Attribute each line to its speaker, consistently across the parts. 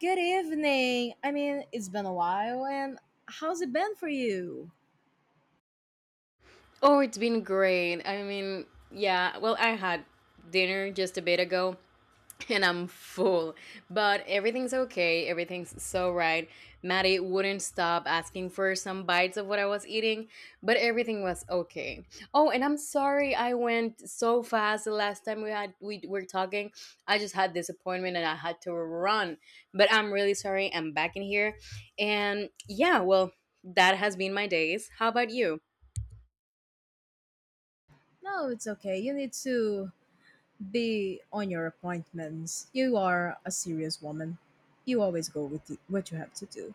Speaker 1: Good evening. I mean, it's been a while, and how's it been for you?
Speaker 2: Oh, it's been great. I mean, yeah, well, I had dinner just a bit ago and I'm full, but everything's okay. Everything's so right. Maddie wouldn't stop asking for some bites of what I was eating, but everything was okay. Oh, and I'm sorry I went so fast the last time we were talking. I just had this appointment and I had to run, but I'm really sorry. I'm back in here. And yeah, well, that has been my days. How about you?
Speaker 1: No, it's okay. You need to be on your appointments. You are a serious woman. You always go with the, what you have to do.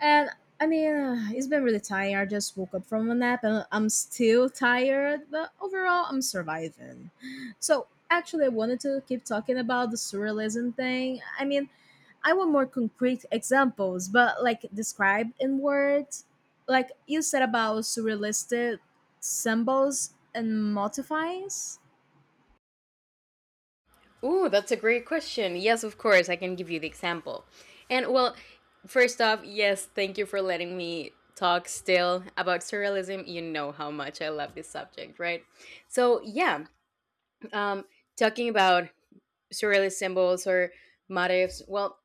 Speaker 1: And it's been really tired. I just woke up from a nap and I'm still tired, but overall, I'm surviving. So, actually, I wanted to keep talking about the surrealism thing. I mean, I want more concrete examples, but like described in words. Like you said about surrealistic symbols and modifiers.
Speaker 2: Ooh, that's a great question. Yes, of course, I can give you the example. And well, first off, yes, thank you for letting me talk still about surrealism. You know how much I love this subject, right? So, yeah, um, talking about surrealist symbols or motifs, well,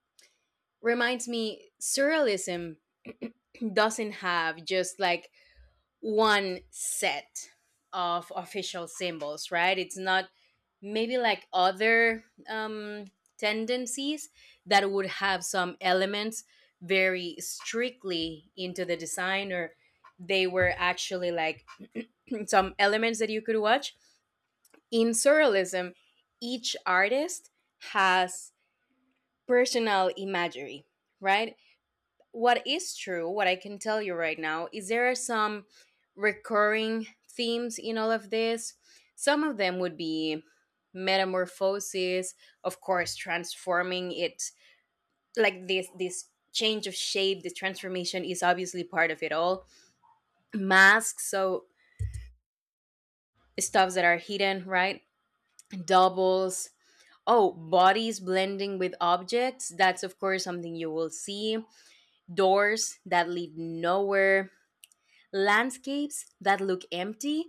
Speaker 2: reminds me surrealism doesn't have just like one set of official symbols, right? It's not maybe like other tendencies that would have some elements very strictly into the design, or they were actually like some elements that you could watch. In surrealism, each artist has personal imagery, right? What is true, what I can tell you right now, is there are some recurring themes in all of this. Some of them would be metamorphosis, of course, transforming it like this change of shape. The transformation is obviously part of it all. Masks, so stuffs that are hidden, right? Doubles. Oh, bodies blending with objects. That's of course something you will see. Doors that lead nowhere, landscapes that look empty,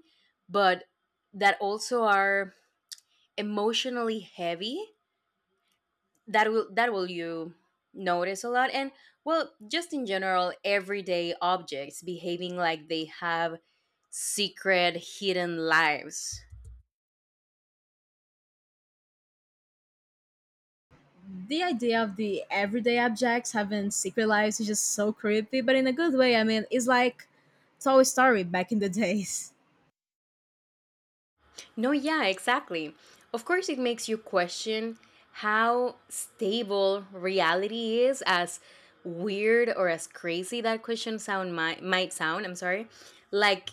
Speaker 2: but that also are emotionally heavy. That will you notice a lot, and well, just in general, everyday objects behaving like they have secret, hidden lives.
Speaker 1: The idea of the everyday objects having secret lives is just so creepy, but in a good way. I mean, it's like Toy Story back in the days.
Speaker 2: No, yeah, exactly. Of course, it makes you question how stable reality is, as weird or as crazy that question sound might sound. I'm sorry. Like,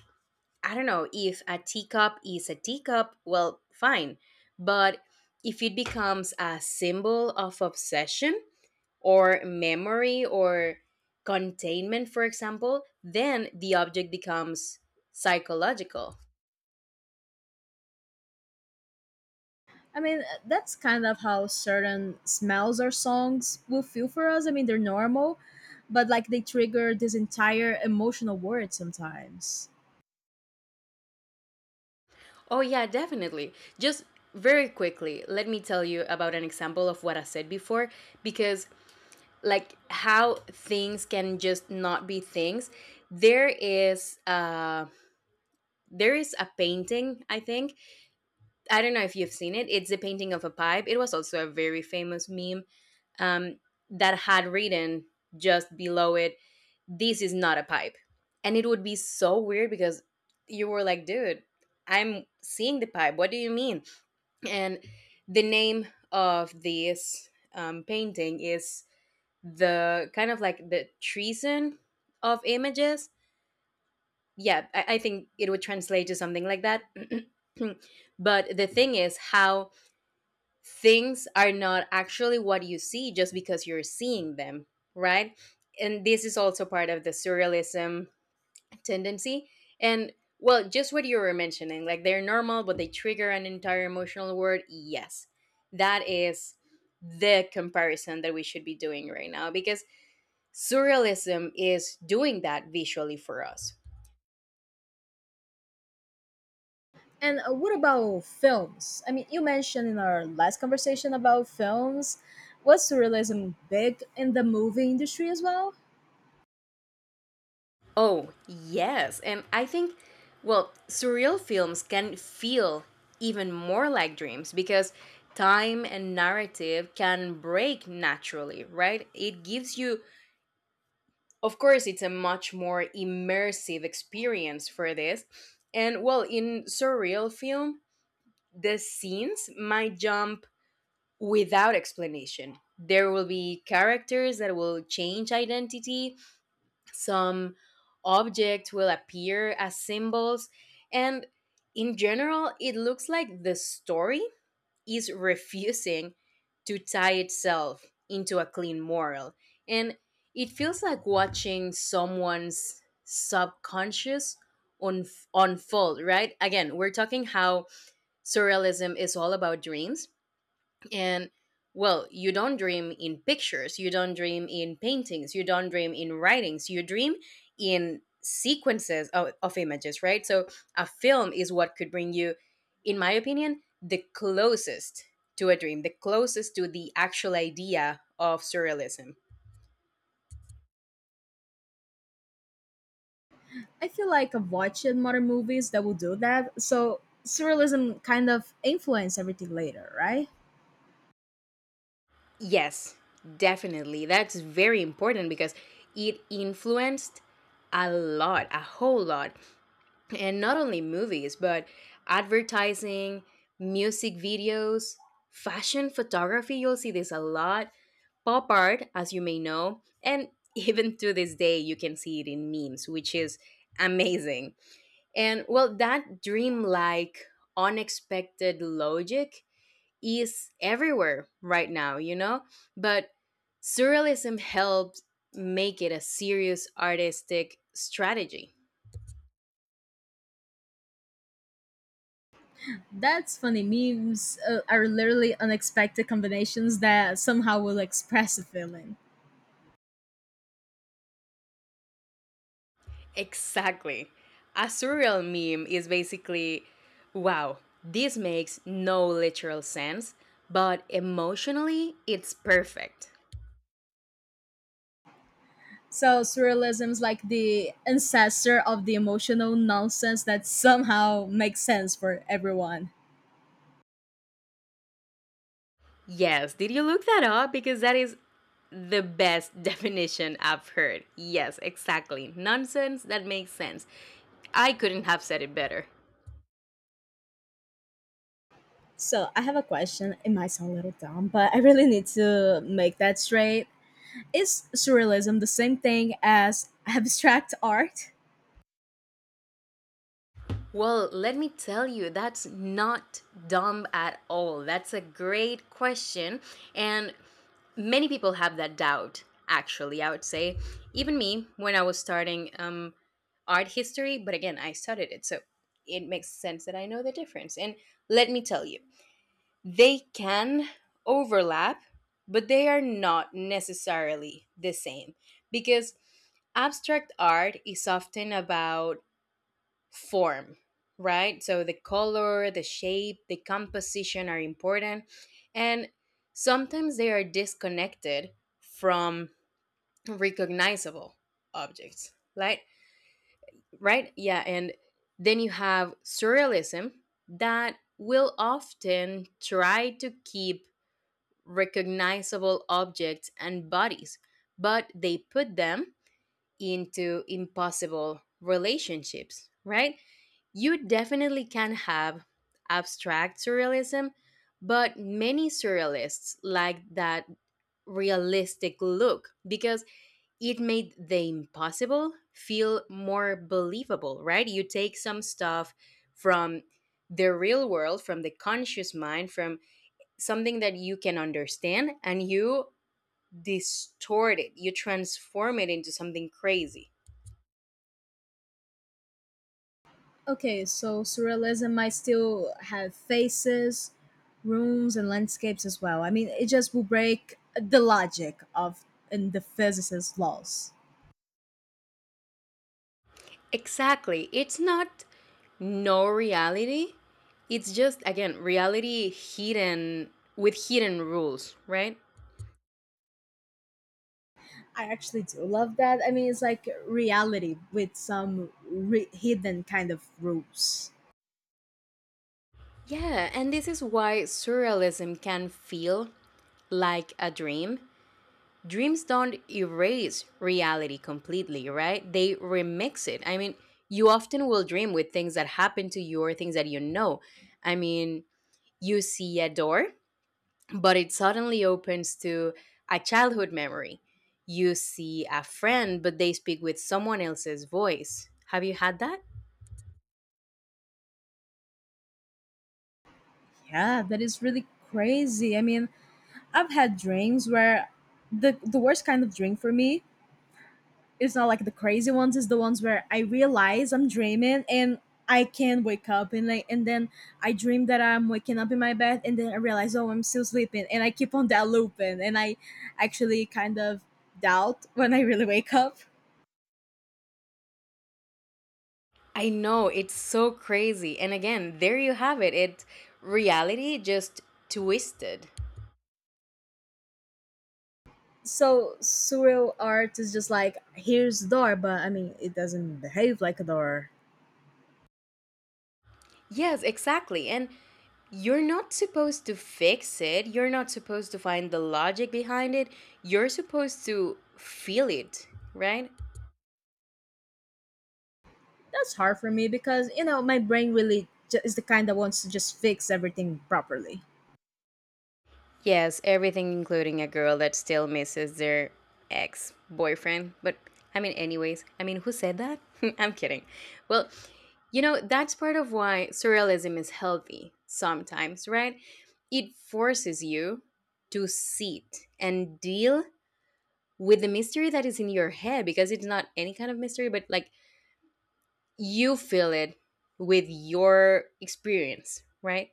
Speaker 2: I don't know if a teacup is a teacup, well, fine. But if it becomes a symbol of obsession or memory or containment, for example, then the object becomes psychological.
Speaker 1: I mean, that's kind of how certain smells or songs will feel for us. I mean, they're normal, but like they trigger this entire emotional world sometimes.
Speaker 2: Oh, yeah, definitely. Just very quickly, let me tell you about an example of what I said before because, like, how things can just not be things. There is, uh, there is a painting, I think. I don't know if you've seen it. It's a painting of a pipe. It was also a very famous meme um, that had written just below it, "This is not a pipe," and it would be so weird because you were like, "Dude, I'm seeing the pipe. What do you mean?" And the name of this painting is the kind of like the treason of images. Yeah, I think it would translate to something like that. But the thing is how things are not actually what you see just because you're seeing them, right? And this is also part of the surrealism tendency. And well, just what you were mentioning, like they're normal, but they trigger an entire emotional word. Yes, that is the comparison that we should be doing right now because surrealism is doing that visually for us.
Speaker 1: And what about films? I mean, you mentioned in our last conversation about films, was surrealism big in the movie industry as well?
Speaker 2: Oh, yes. And I think, well, surreal films can feel even more like dreams because time and narrative can break naturally, right? It gives you, of course, it's a much more immersive experience for this. And well, in surreal film, the scenes might jump without explanation. There will be characters that will change identity, some objects will appear as symbols, and in general it looks like the story is refusing to tie itself into a clean moral, and it feels like watching someone's subconscious un- unfold. Right, again we're talking how surrealism is all about dreams. And well, you don't dream in pictures, you don't dream in paintings, you don't dream in writings, you dream in sequences of images, right? So a film is what could bring you, in my opinion, the closest to a dream, the closest to the actual idea of surrealism.
Speaker 1: I feel like I've watched modern movies that will do that. So surrealism kind of influenced everything later, right?
Speaker 2: Yes, definitely. That's very important because it influenced a lot, a whole lot, and not only movies but advertising, music videos, fashion photography, you'll see this a lot, pop art as you may know, and even to this day you can see it in memes, which is amazing. And well, that dreamlike unexpected logic is everywhere right now, you know, but surrealism helps make it a serious artistic strategy.
Speaker 1: That's funny. Memes are literally unexpected combinations that somehow will express a feeling.
Speaker 2: Exactly. A surreal meme is basically, wow, this makes no literal sense, but emotionally it's perfect.
Speaker 1: So surrealism is like the ancestor of the emotional nonsense that somehow makes sense for everyone.
Speaker 2: Yes, did you look that up? Because that is the best definition I've heard. Yes, exactly. Nonsense that makes sense. I couldn't have said it better.
Speaker 1: So I have a question. It might sound a little dumb, but I really need to make that straight. Is surrealism the same thing as abstract art?
Speaker 2: Well, let me tell you, that's not dumb at all. That's a great question. And many people have that doubt, actually, I would say. Even me, when I was starting art history, but again, I studied it. So it makes sense that I know the difference. And let me tell you, they can overlap, but they are not necessarily the same. Because abstract art is often about form, right? So the color, the shape, the composition are important. And sometimes they are disconnected from recognizable objects, right? Right? Yeah. And then you have surrealism that will often try to keep recognizable objects and bodies, but they put them into impossible relationships, right? You definitely can have abstract surrealism, but many surrealists like that realistic look because it made the impossible feel more believable, right? You take some stuff from the real world, from the conscious mind, from something that you can understand, and you distort it, you transform it into something crazy.
Speaker 1: Okay, so surrealism might still have faces, rooms, and landscapes as well. I mean, it just will break the logic of and the physicist's laws.
Speaker 2: Exactly. It's not no reality. It's just again reality hidden with hidden rules, right?
Speaker 1: I actually do love that. I mean, it's like reality with some hidden kind of rules.
Speaker 2: Yeah, and this is why surrealism can feel like a dream. Dreams don't erase reality completely, right? They remix it. I mean, you often will dream with things that happen to you or things that you know. I mean, you see a door but it suddenly opens to a childhood memory. You see a friend, but they speak with someone else's voice. Have you had that?
Speaker 1: Yeah, that is really crazy. I mean, I've had dreams where the worst kind of dream for me, it's not like the crazy ones, it's the ones where I realize I'm dreaming and I can wake up, and like, and then I dream that I'm waking up in my bed and then I realize, oh, I'm still sleeping, and I keep on that looping, and I actually kind of doubt when I really wake up.
Speaker 2: I know, it's so crazy. And again, there you have it. It's reality just twisted.
Speaker 1: So surreal art is just like, here's the door, but I mean, it doesn't behave like a door.
Speaker 2: Yes, exactly. And you're not supposed to fix it. You're not supposed to find the logic behind it. You're supposed to feel it, right?
Speaker 1: That's hard for me because you know my brain really is the kind that wants to just fix everything properly.
Speaker 2: Yes, everything, including a girl that still misses their ex boyfriend. But I mean, anyways, I mean, who said that? I'm kidding. Well, you know, that's part of why surrealism is healthy sometimes, right? It forces you to sit and deal with the mystery that is in your head because it's not any kind of mystery, but like you feel it with your experience, right?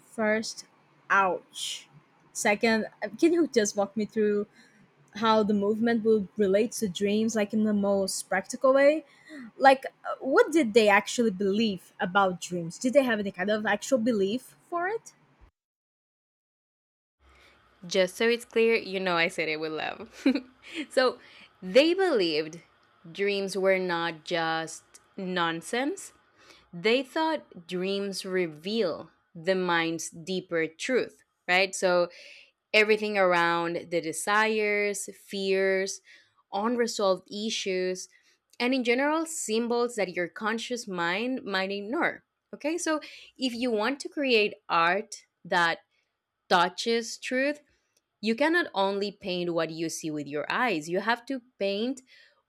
Speaker 1: First, ouch. Second, can you just walk me through how the movement would relate to dreams, like in the most practical way? Like, what did they actually believe about dreams? Did they have any kind of actual belief for it?
Speaker 2: Just so it's clear, you know I said it with love. So they believed dreams were not just nonsense, they thought dreams reveal the mind's deeper truth, right? So everything around the desires, fears, unresolved issues, and in general, symbols that your conscious mind might ignore. Okay, so if you want to create art that touches truth, you cannot only paint what you see with your eyes, you have to paint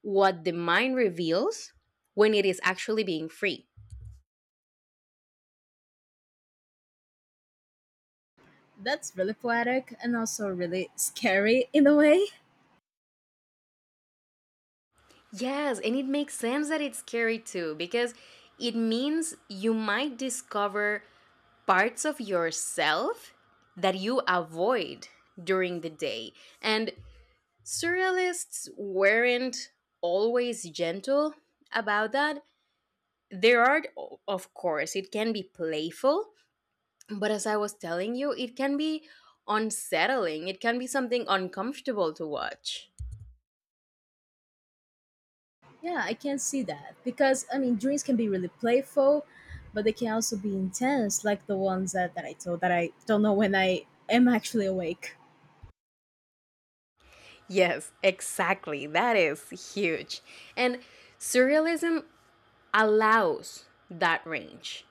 Speaker 2: what the mind reveals when it is actually being free.
Speaker 1: That's really poetic and also really scary in a way.
Speaker 2: Yes, and it makes sense that it's scary too because it means you might discover parts of yourself that you avoid during the day. And surrealists weren't always gentle about that. There are, of course, it can be playful, but as I was telling you, it can be unsettling, it can be something uncomfortable to watch.
Speaker 1: Yeah, I can see that because I mean, dreams can be really playful, but they can also be intense, like the ones that, I told, that I don't know when I am actually awake.
Speaker 2: Yes, exactly. That is huge. And surrealism allows that range.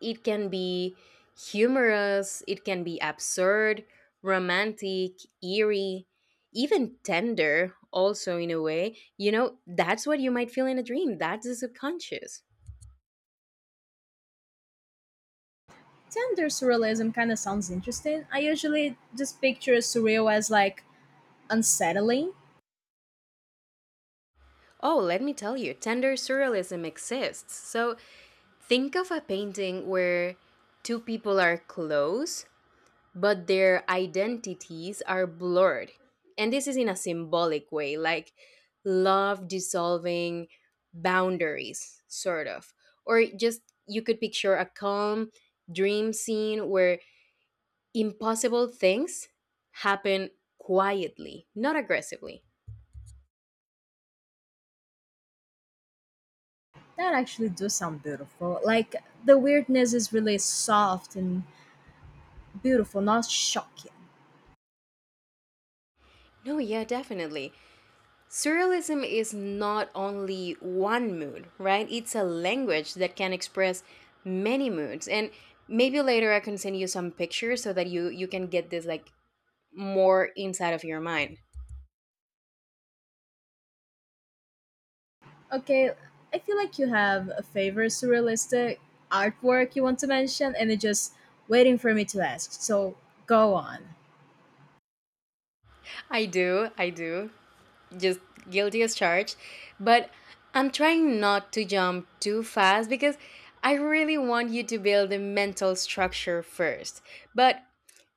Speaker 2: It can be humorous, it can be absurd, romantic, eerie, even tender also in a way, you know, that's what you might feel in a dream, that's the subconscious.
Speaker 1: Tender surrealism kind of sounds interesting. I usually just picture surreal as like unsettling.
Speaker 2: Oh, let me tell you, tender surrealism exists. So think of a painting where two people are close, but their identities are blurred. And this is in a symbolic way, like love dissolving boundaries, sort of. Or just, you could picture a calm dream scene where impossible things happen quietly, not aggressively.
Speaker 1: That actually does sound beautiful. Like the weirdness is really soft and beautiful, not shocking.
Speaker 2: No, yeah, definitely. Surrealism is not only one mood, right? It's a language that can express many moods. And maybe later I can send you some pictures so that you can get this like more inside of your mind.
Speaker 1: Okay, I feel like you have a favorite surrealistic artwork you want to mention, and it's just waiting for me to ask. So go on.
Speaker 2: I do, I do. Just guilty as charged, but I'm trying not to jump too fast because I really want you to build a mental structure first. But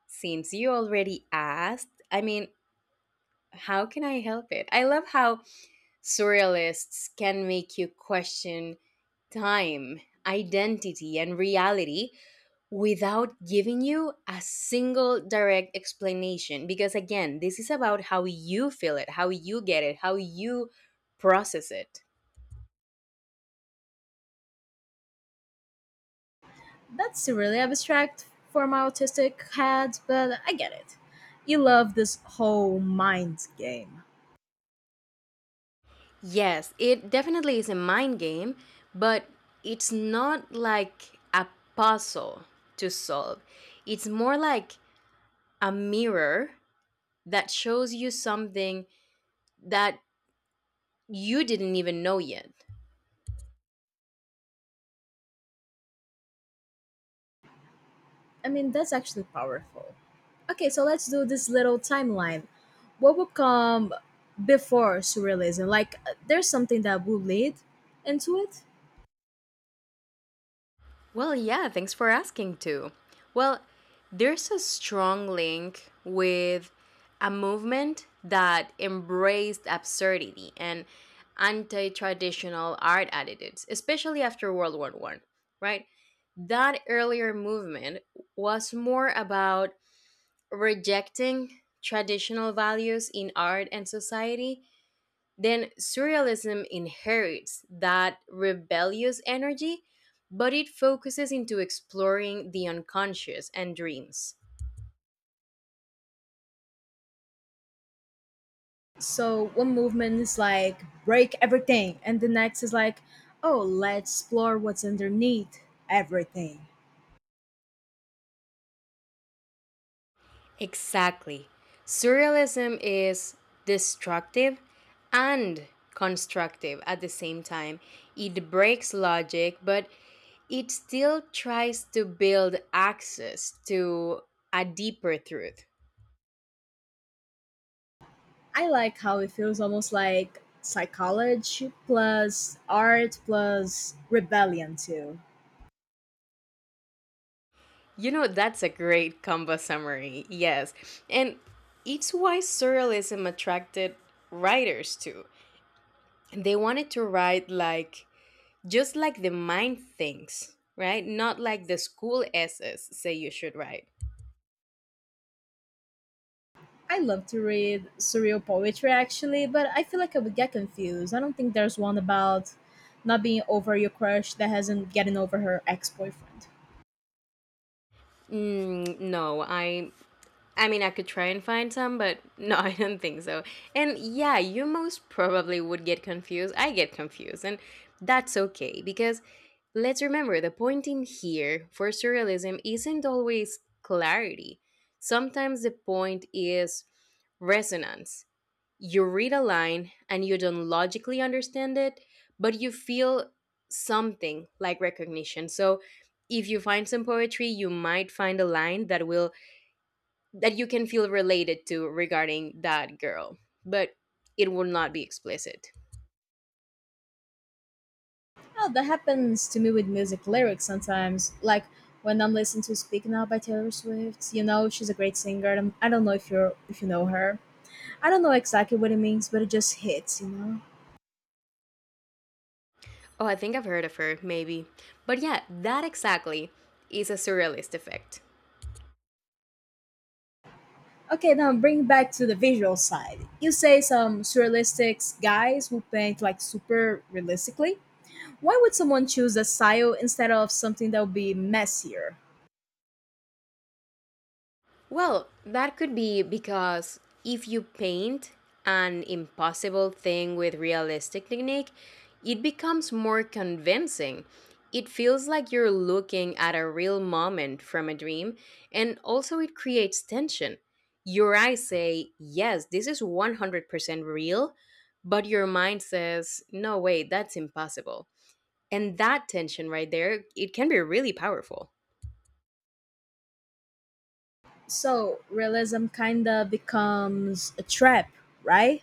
Speaker 2: since you already asked, I mean, how can I help it? I love how surrealists can make you question time, identity, and reality without giving you a single direct explanation. Because again, this is about how you feel it, how you get it, how you process it.
Speaker 1: That's really abstract for my autistic head, but I get it. You love this whole mind game.
Speaker 2: Yes, it definitely is a mind game, but it's not like a puzzle to solve. It's more like a mirror that shows you something that you didn't even know yet.
Speaker 1: I mean, that's actually powerful. Okay, so let's do this little timeline. What would come before surrealism? Like, there's something that would lead into it.
Speaker 2: Well, yeah, thanks for asking too. Well, there's a strong link with a movement that embraced absurdity and anti-traditional art attitudes, especially after World War 1, right? That earlier movement was more about rejecting traditional values in art and society, then surrealism inherits that rebellious energy, but it focuses into exploring the unconscious and dreams.
Speaker 1: So, one movement is like, break everything, and the next is like, oh, let's explore what's underneath everything.
Speaker 2: Exactly. Surrealism is destructive and constructive at the same time. It breaks logic, but it still tries to build access to a deeper truth.
Speaker 1: I like how it feels almost like psychology plus art plus rebellion, too.
Speaker 2: You know, that's a great combo summary. Yes. And it's why surrealism attracted writers too. They wanted to write like just like the mind thinks, right? Not like the school essays say you should write.
Speaker 1: I love to read surreal poetry actually, but I feel like I would get confused. I don't think there's one about not being over your crush that hasn't getting over her ex boyfriend.
Speaker 2: Mm, no, I mean, I could try and find some, but no, I don't think so. And yeah, you most probably would get confused. I get confused, and that's okay because let's remember the point in here for surrealism isn't always clarity. Sometimes the point is resonance. You read a line and you don't logically understand it, but you feel something like recognition. So if you find some poetry, you might find a line that you can feel related to regarding that girl, but it will not be explicit.
Speaker 1: Oh, that happens to me with music lyrics sometimes. Like when I'm listening to Speak Now by Taylor Swift, you know, she's a great singer and I don't know if you know her. I don't know exactly what it means, but it just hits, you know?
Speaker 2: Oh, I think I've heard of her, maybe. But yeah, that exactly is a surrealist effect.
Speaker 1: Okay, now bring back to the visual side. You say some surrealistic guys who paint like super realistically. Why would someone choose a style instead of something that would be messier?
Speaker 2: Well, that could be because if you paint an impossible thing with realistic technique, it becomes more convincing. It feels like you're looking at a real moment from a dream, and also it creates tension. Your eyes say, "Yes, this is 100% real," but your mind says, "No, wait, that's impossible." And that tension right there, it can be really powerful.
Speaker 1: So realism kinda becomes a trap, right?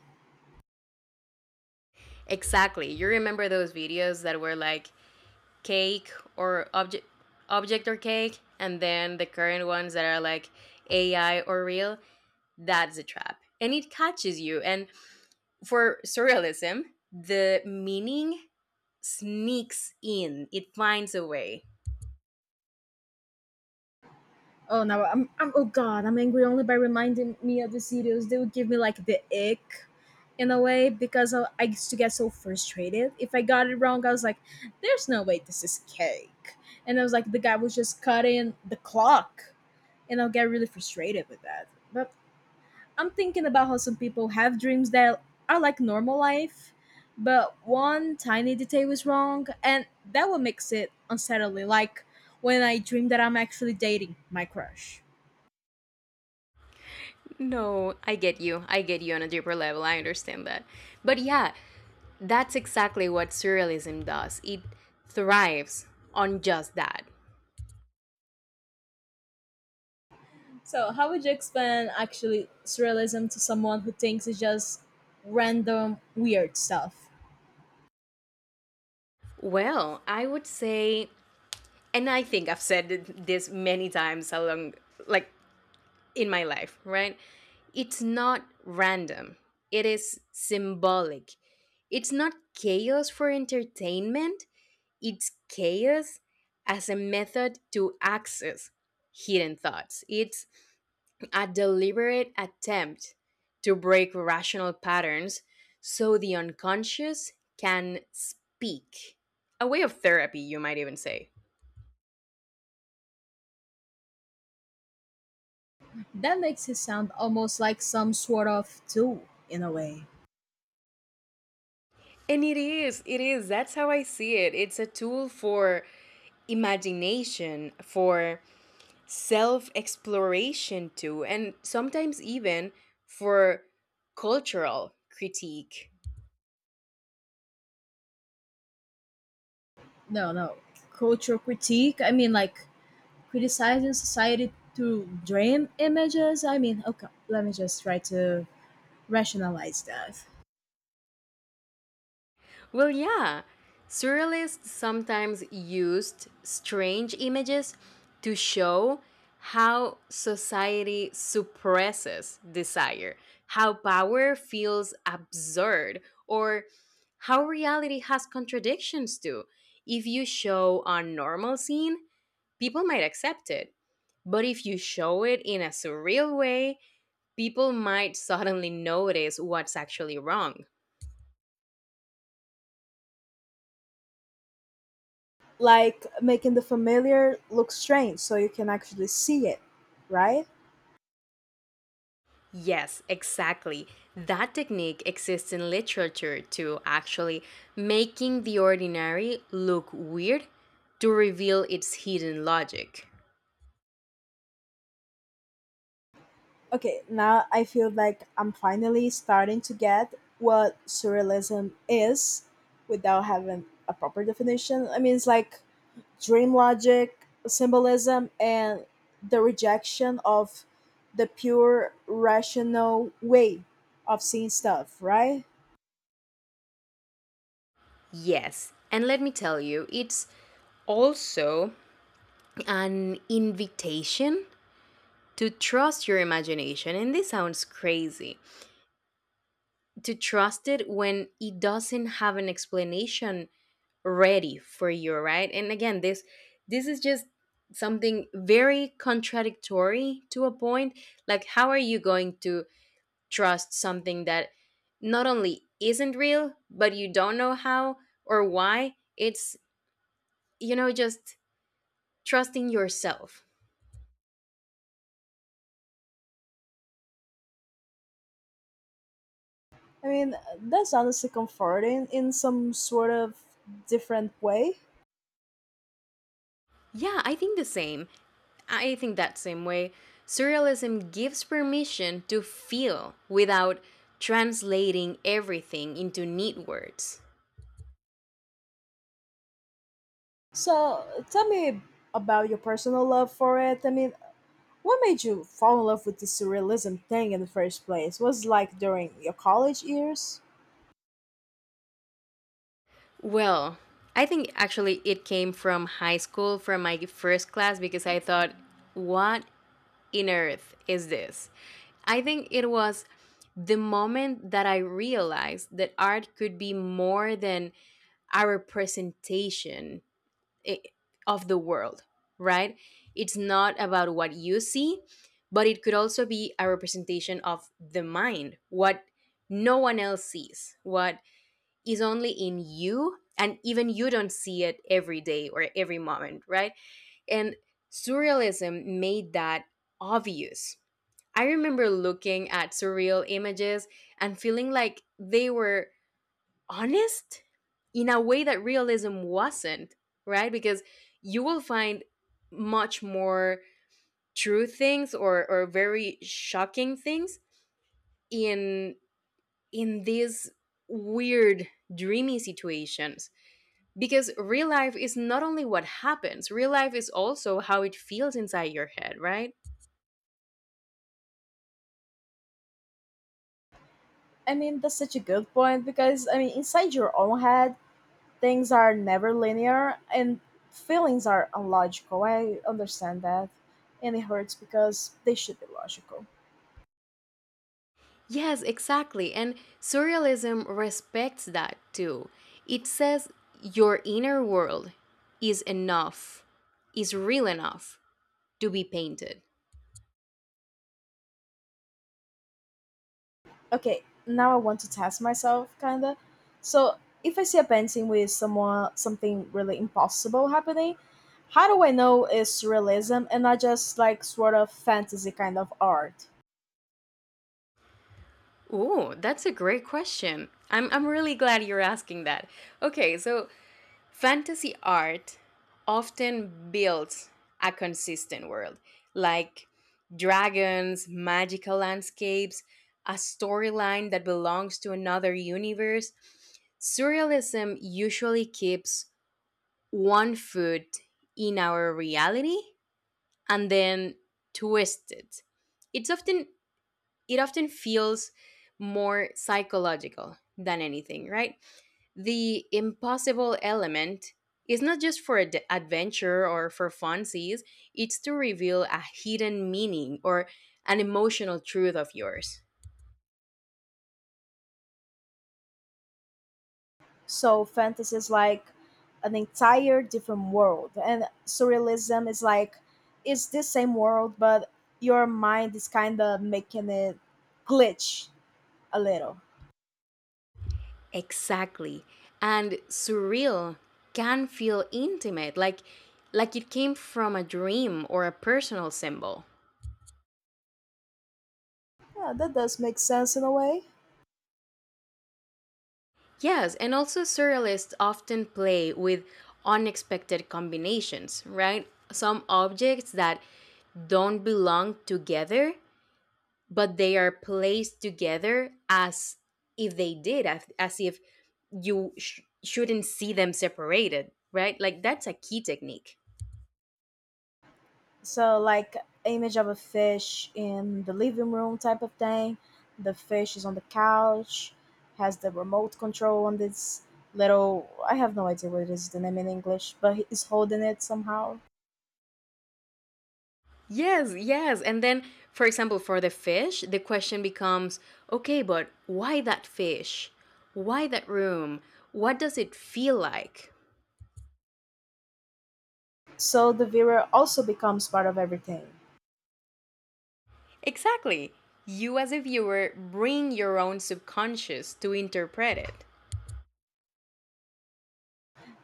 Speaker 2: Exactly. You remember those videos that were like, cake or object, object or cake and then the current ones that are like AI or real? That's a trap, and it catches you, and for surrealism, the meaning sneaks in, it finds a way.
Speaker 1: Oh no, I'm oh god, I'm angry only by reminding me of the videos. They would give me like the ick in a way because I used to get so frustrated. If I got it wrong, I was like, there's no way this is cake. And I was like, the guy was just cutting the clock. And I'll get really frustrated with that. But I'm thinking about how some people have dreams that are like normal life, but one tiny detail is wrong, and that what makes it unsettling. Like when I dream that I'm actually dating my crush.
Speaker 2: No, I get you, on a deeper level, I understand that, but yeah, that's exactly what surrealism does. It thrives on just that.
Speaker 1: So, how would you explain actually surrealism to someone who thinks it's just random weird stuff?
Speaker 2: Well, I would say, and I think I've said this many times along, like in my life, right? It's not random, it is symbolic. It's not chaos for entertainment, it's chaos as a method to access hidden thoughts. It's a deliberate attempt to break rational patterns so the unconscious can speak. A way of therapy, you might even say.
Speaker 1: That makes it sound almost like some sort of tool in a way.
Speaker 2: And it is, it is. That's how I see it. It's a tool for imagination, for self exploration, too, and sometimes even for cultural critique.
Speaker 1: No, no, cultural critique. I mean, like criticizing society through dream images. I mean, okay, let me just try to rationalize that.
Speaker 2: Well, yeah. Surrealists sometimes used strange images to show how society suppresses desire, how power feels absurd, or how reality has contradictions to. If you show a normal scene, people might accept it. But if you show it in a surreal way, people might suddenly notice what's actually wrong.
Speaker 1: Like making the familiar look strange so you can actually see it, right?
Speaker 2: Yes, exactly. That technique exists in literature too, actually, making the ordinary look weird to reveal its hidden logic.
Speaker 1: Okay, now I feel like I'm finally starting to get what surrealism is without having a proper definition. I mean, it's like dream logic, symbolism, and the rejection of the pure rational way of seeing stuff, right?
Speaker 2: Yes, and let me tell you, it's also an invitation to trust your imagination. And this sounds crazy, to trust it when it doesn't have an explanation ready for you, right? And again, this is just something very contradictory to a point, like, how are you going to trust something that not only isn't real, but you don't know how or why it's, you know, just trusting yourself.
Speaker 1: I mean, that's honestly comforting in some sort of different way.
Speaker 2: Yeah, I think the same. I think that same way. Surrealism gives permission to feel without translating everything into neat words.
Speaker 1: So, tell me about your personal love for it. I mean, what made you fall in love with this surrealism thing in the first place? Was it like during your college years?
Speaker 2: Well, I think actually it came from high school, from my first class, because I thought, what in earth is this? I think it was the moment that I realized that art could be more than our representation i- of the world, right? It's not about what you see, but it could also be a representation of the mind, what no one else sees, what is only in you, and even you don't see it every day or every moment, right? And surrealism made that obvious. I remember looking at surreal images and feeling like they were honest in a way that realism wasn't, right? Because you will find much more true things, or very shocking things in these weird, dreamy situations, because real life is not only what happens, real life is also how it feels inside your head, right?
Speaker 1: I mean, that's such a good point because I mean, inside your own head, things are never linear and feelings are illogical. I understand that. And it hurts because they should be logical.
Speaker 2: Yes, exactly. And surrealism respects that too. It says your inner world is enough, is real enough to be painted.
Speaker 1: Okay, now I want to test myself kinda. So if I see a painting with someone something really impossible happening, how do I know it's realism and not just like sort of fantasy kind of art?
Speaker 2: Ooh, that's a great question. I'm really glad you're asking that. Okay, so fantasy art often builds a consistent world, like dragons, magical landscapes, a storyline that belongs to another universe. Surrealism usually keeps one foot in our reality and then twists it. It's often it often feels more psychological than anything, right? The impossible element is not just for adventure or for funsies, it's to reveal a hidden meaning or an emotional truth of yours.
Speaker 1: So fantasy is like an entire different world, and surrealism is like it's the same world, but your mind is kind of making it glitch a little.
Speaker 2: Exactly. And surreal can feel intimate, like it came from a dream or a personal symbol.
Speaker 1: Yeah, that does make sense in a way.
Speaker 2: Yes, and also surrealists often play with unexpected combinations, right? Some objects that don't belong together, but they are placed together as if they did, as if you shouldn't see them separated, right? Like, that's a key technique.
Speaker 1: So like image of a fish in the living room type of thing. The fish is on the couch, has the remote control on this little. I have no idea what it is the name in English, but he's holding it somehow.
Speaker 2: Yes, yes. And then, for example, for the fish, the question becomes, okay, but why that fish? Why that room? What does it feel like?
Speaker 1: So the viewer also becomes part of everything.
Speaker 2: Exactly. You, as a viewer, bring your own subconscious to interpret it.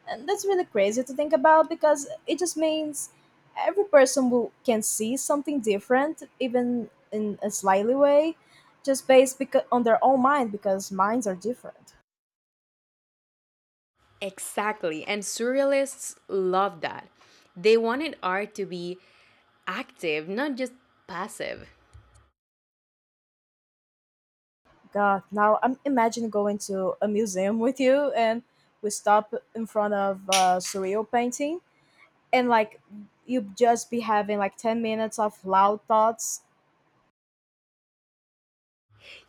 Speaker 1: And that's really crazy to think about because it just means every person can see something different, even in a slightly way, just based on their own mind because minds are different.
Speaker 2: Exactly. And surrealists love that. They wanted art to be active, not just passive.
Speaker 1: God, now I'm imagine going to a museum with you and we stop in front of a surreal painting and like you just be having like 10 minutes of loud thoughts.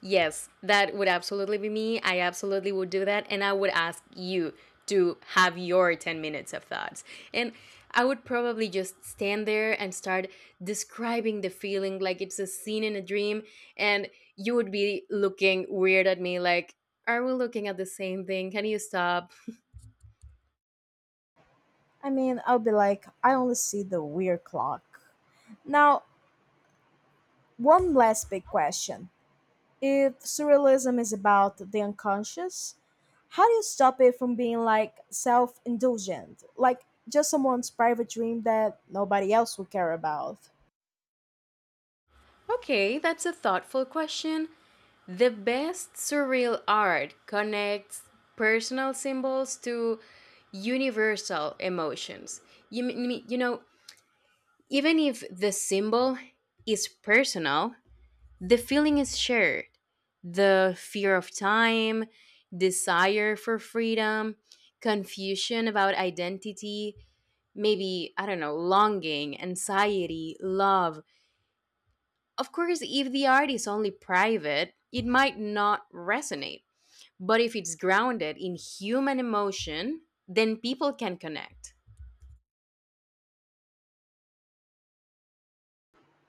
Speaker 2: Yes, that would absolutely be me. I absolutely would do that. And I would ask you to have your 10 minutes of thoughts. And I would probably just stand there and start describing the feeling like it's a scene in a dream. And you would be looking weird at me, like, are we looking at the same thing? Can you stop?
Speaker 1: I mean, I'll be like, I only see the weird clock. Now, one last big question. If surrealism is about the unconscious, how do you stop it from being like self indulgent? Like just someone's private dream that nobody else would care about.
Speaker 2: Okay, that's a thoughtful question. The best surreal art connects personal symbols to universal emotions. You, you know, even if the symbol is personal, the feeling is shared. The fear of time, desire for freedom, confusion about identity, maybe, I don't know, longing, anxiety, love. Of course, if the art is only private, it might not resonate, but if it's grounded in human emotion, then people can connect.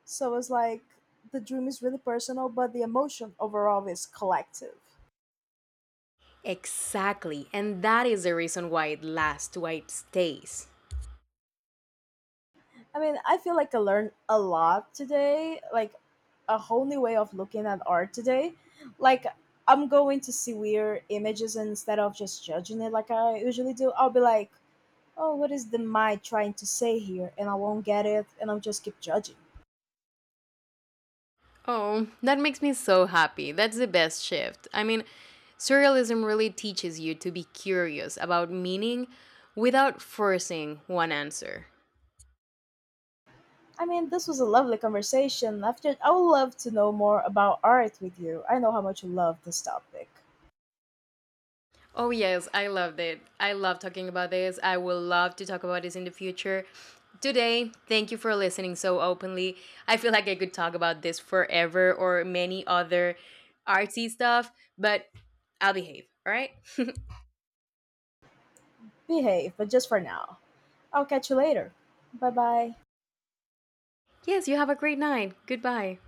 Speaker 1: So it's like the dream is really personal, but the emotion overall is collective.
Speaker 2: Exactly. And that is the reason why it lasts, why it stays.
Speaker 1: I mean, I feel like I learned a lot today, like a whole new way of looking at art today. Like, I'm going to see weird images and instead of just judging it like I usually do. I'll be like, oh, what is the mind trying to say here? And I won't get it, and I'll just keep judging.
Speaker 2: Oh, that makes me so happy. That's the best shift. I mean, surrealism really teaches you to be curious about meaning without forcing one answer.
Speaker 1: I mean, this was a lovely conversation. After, I would love to know more about art with you. I know how much you love this topic.
Speaker 2: Oh, yes, I loved it. I love talking about this. I will love to talk about this in the future. Today, thank you for listening so openly. I feel like I could talk about this forever, or many other artsy stuff, but I'll behave, all right?
Speaker 1: Behave, but just for now. I'll catch you later. Bye bye.
Speaker 2: Yes, you have a great night. Goodbye.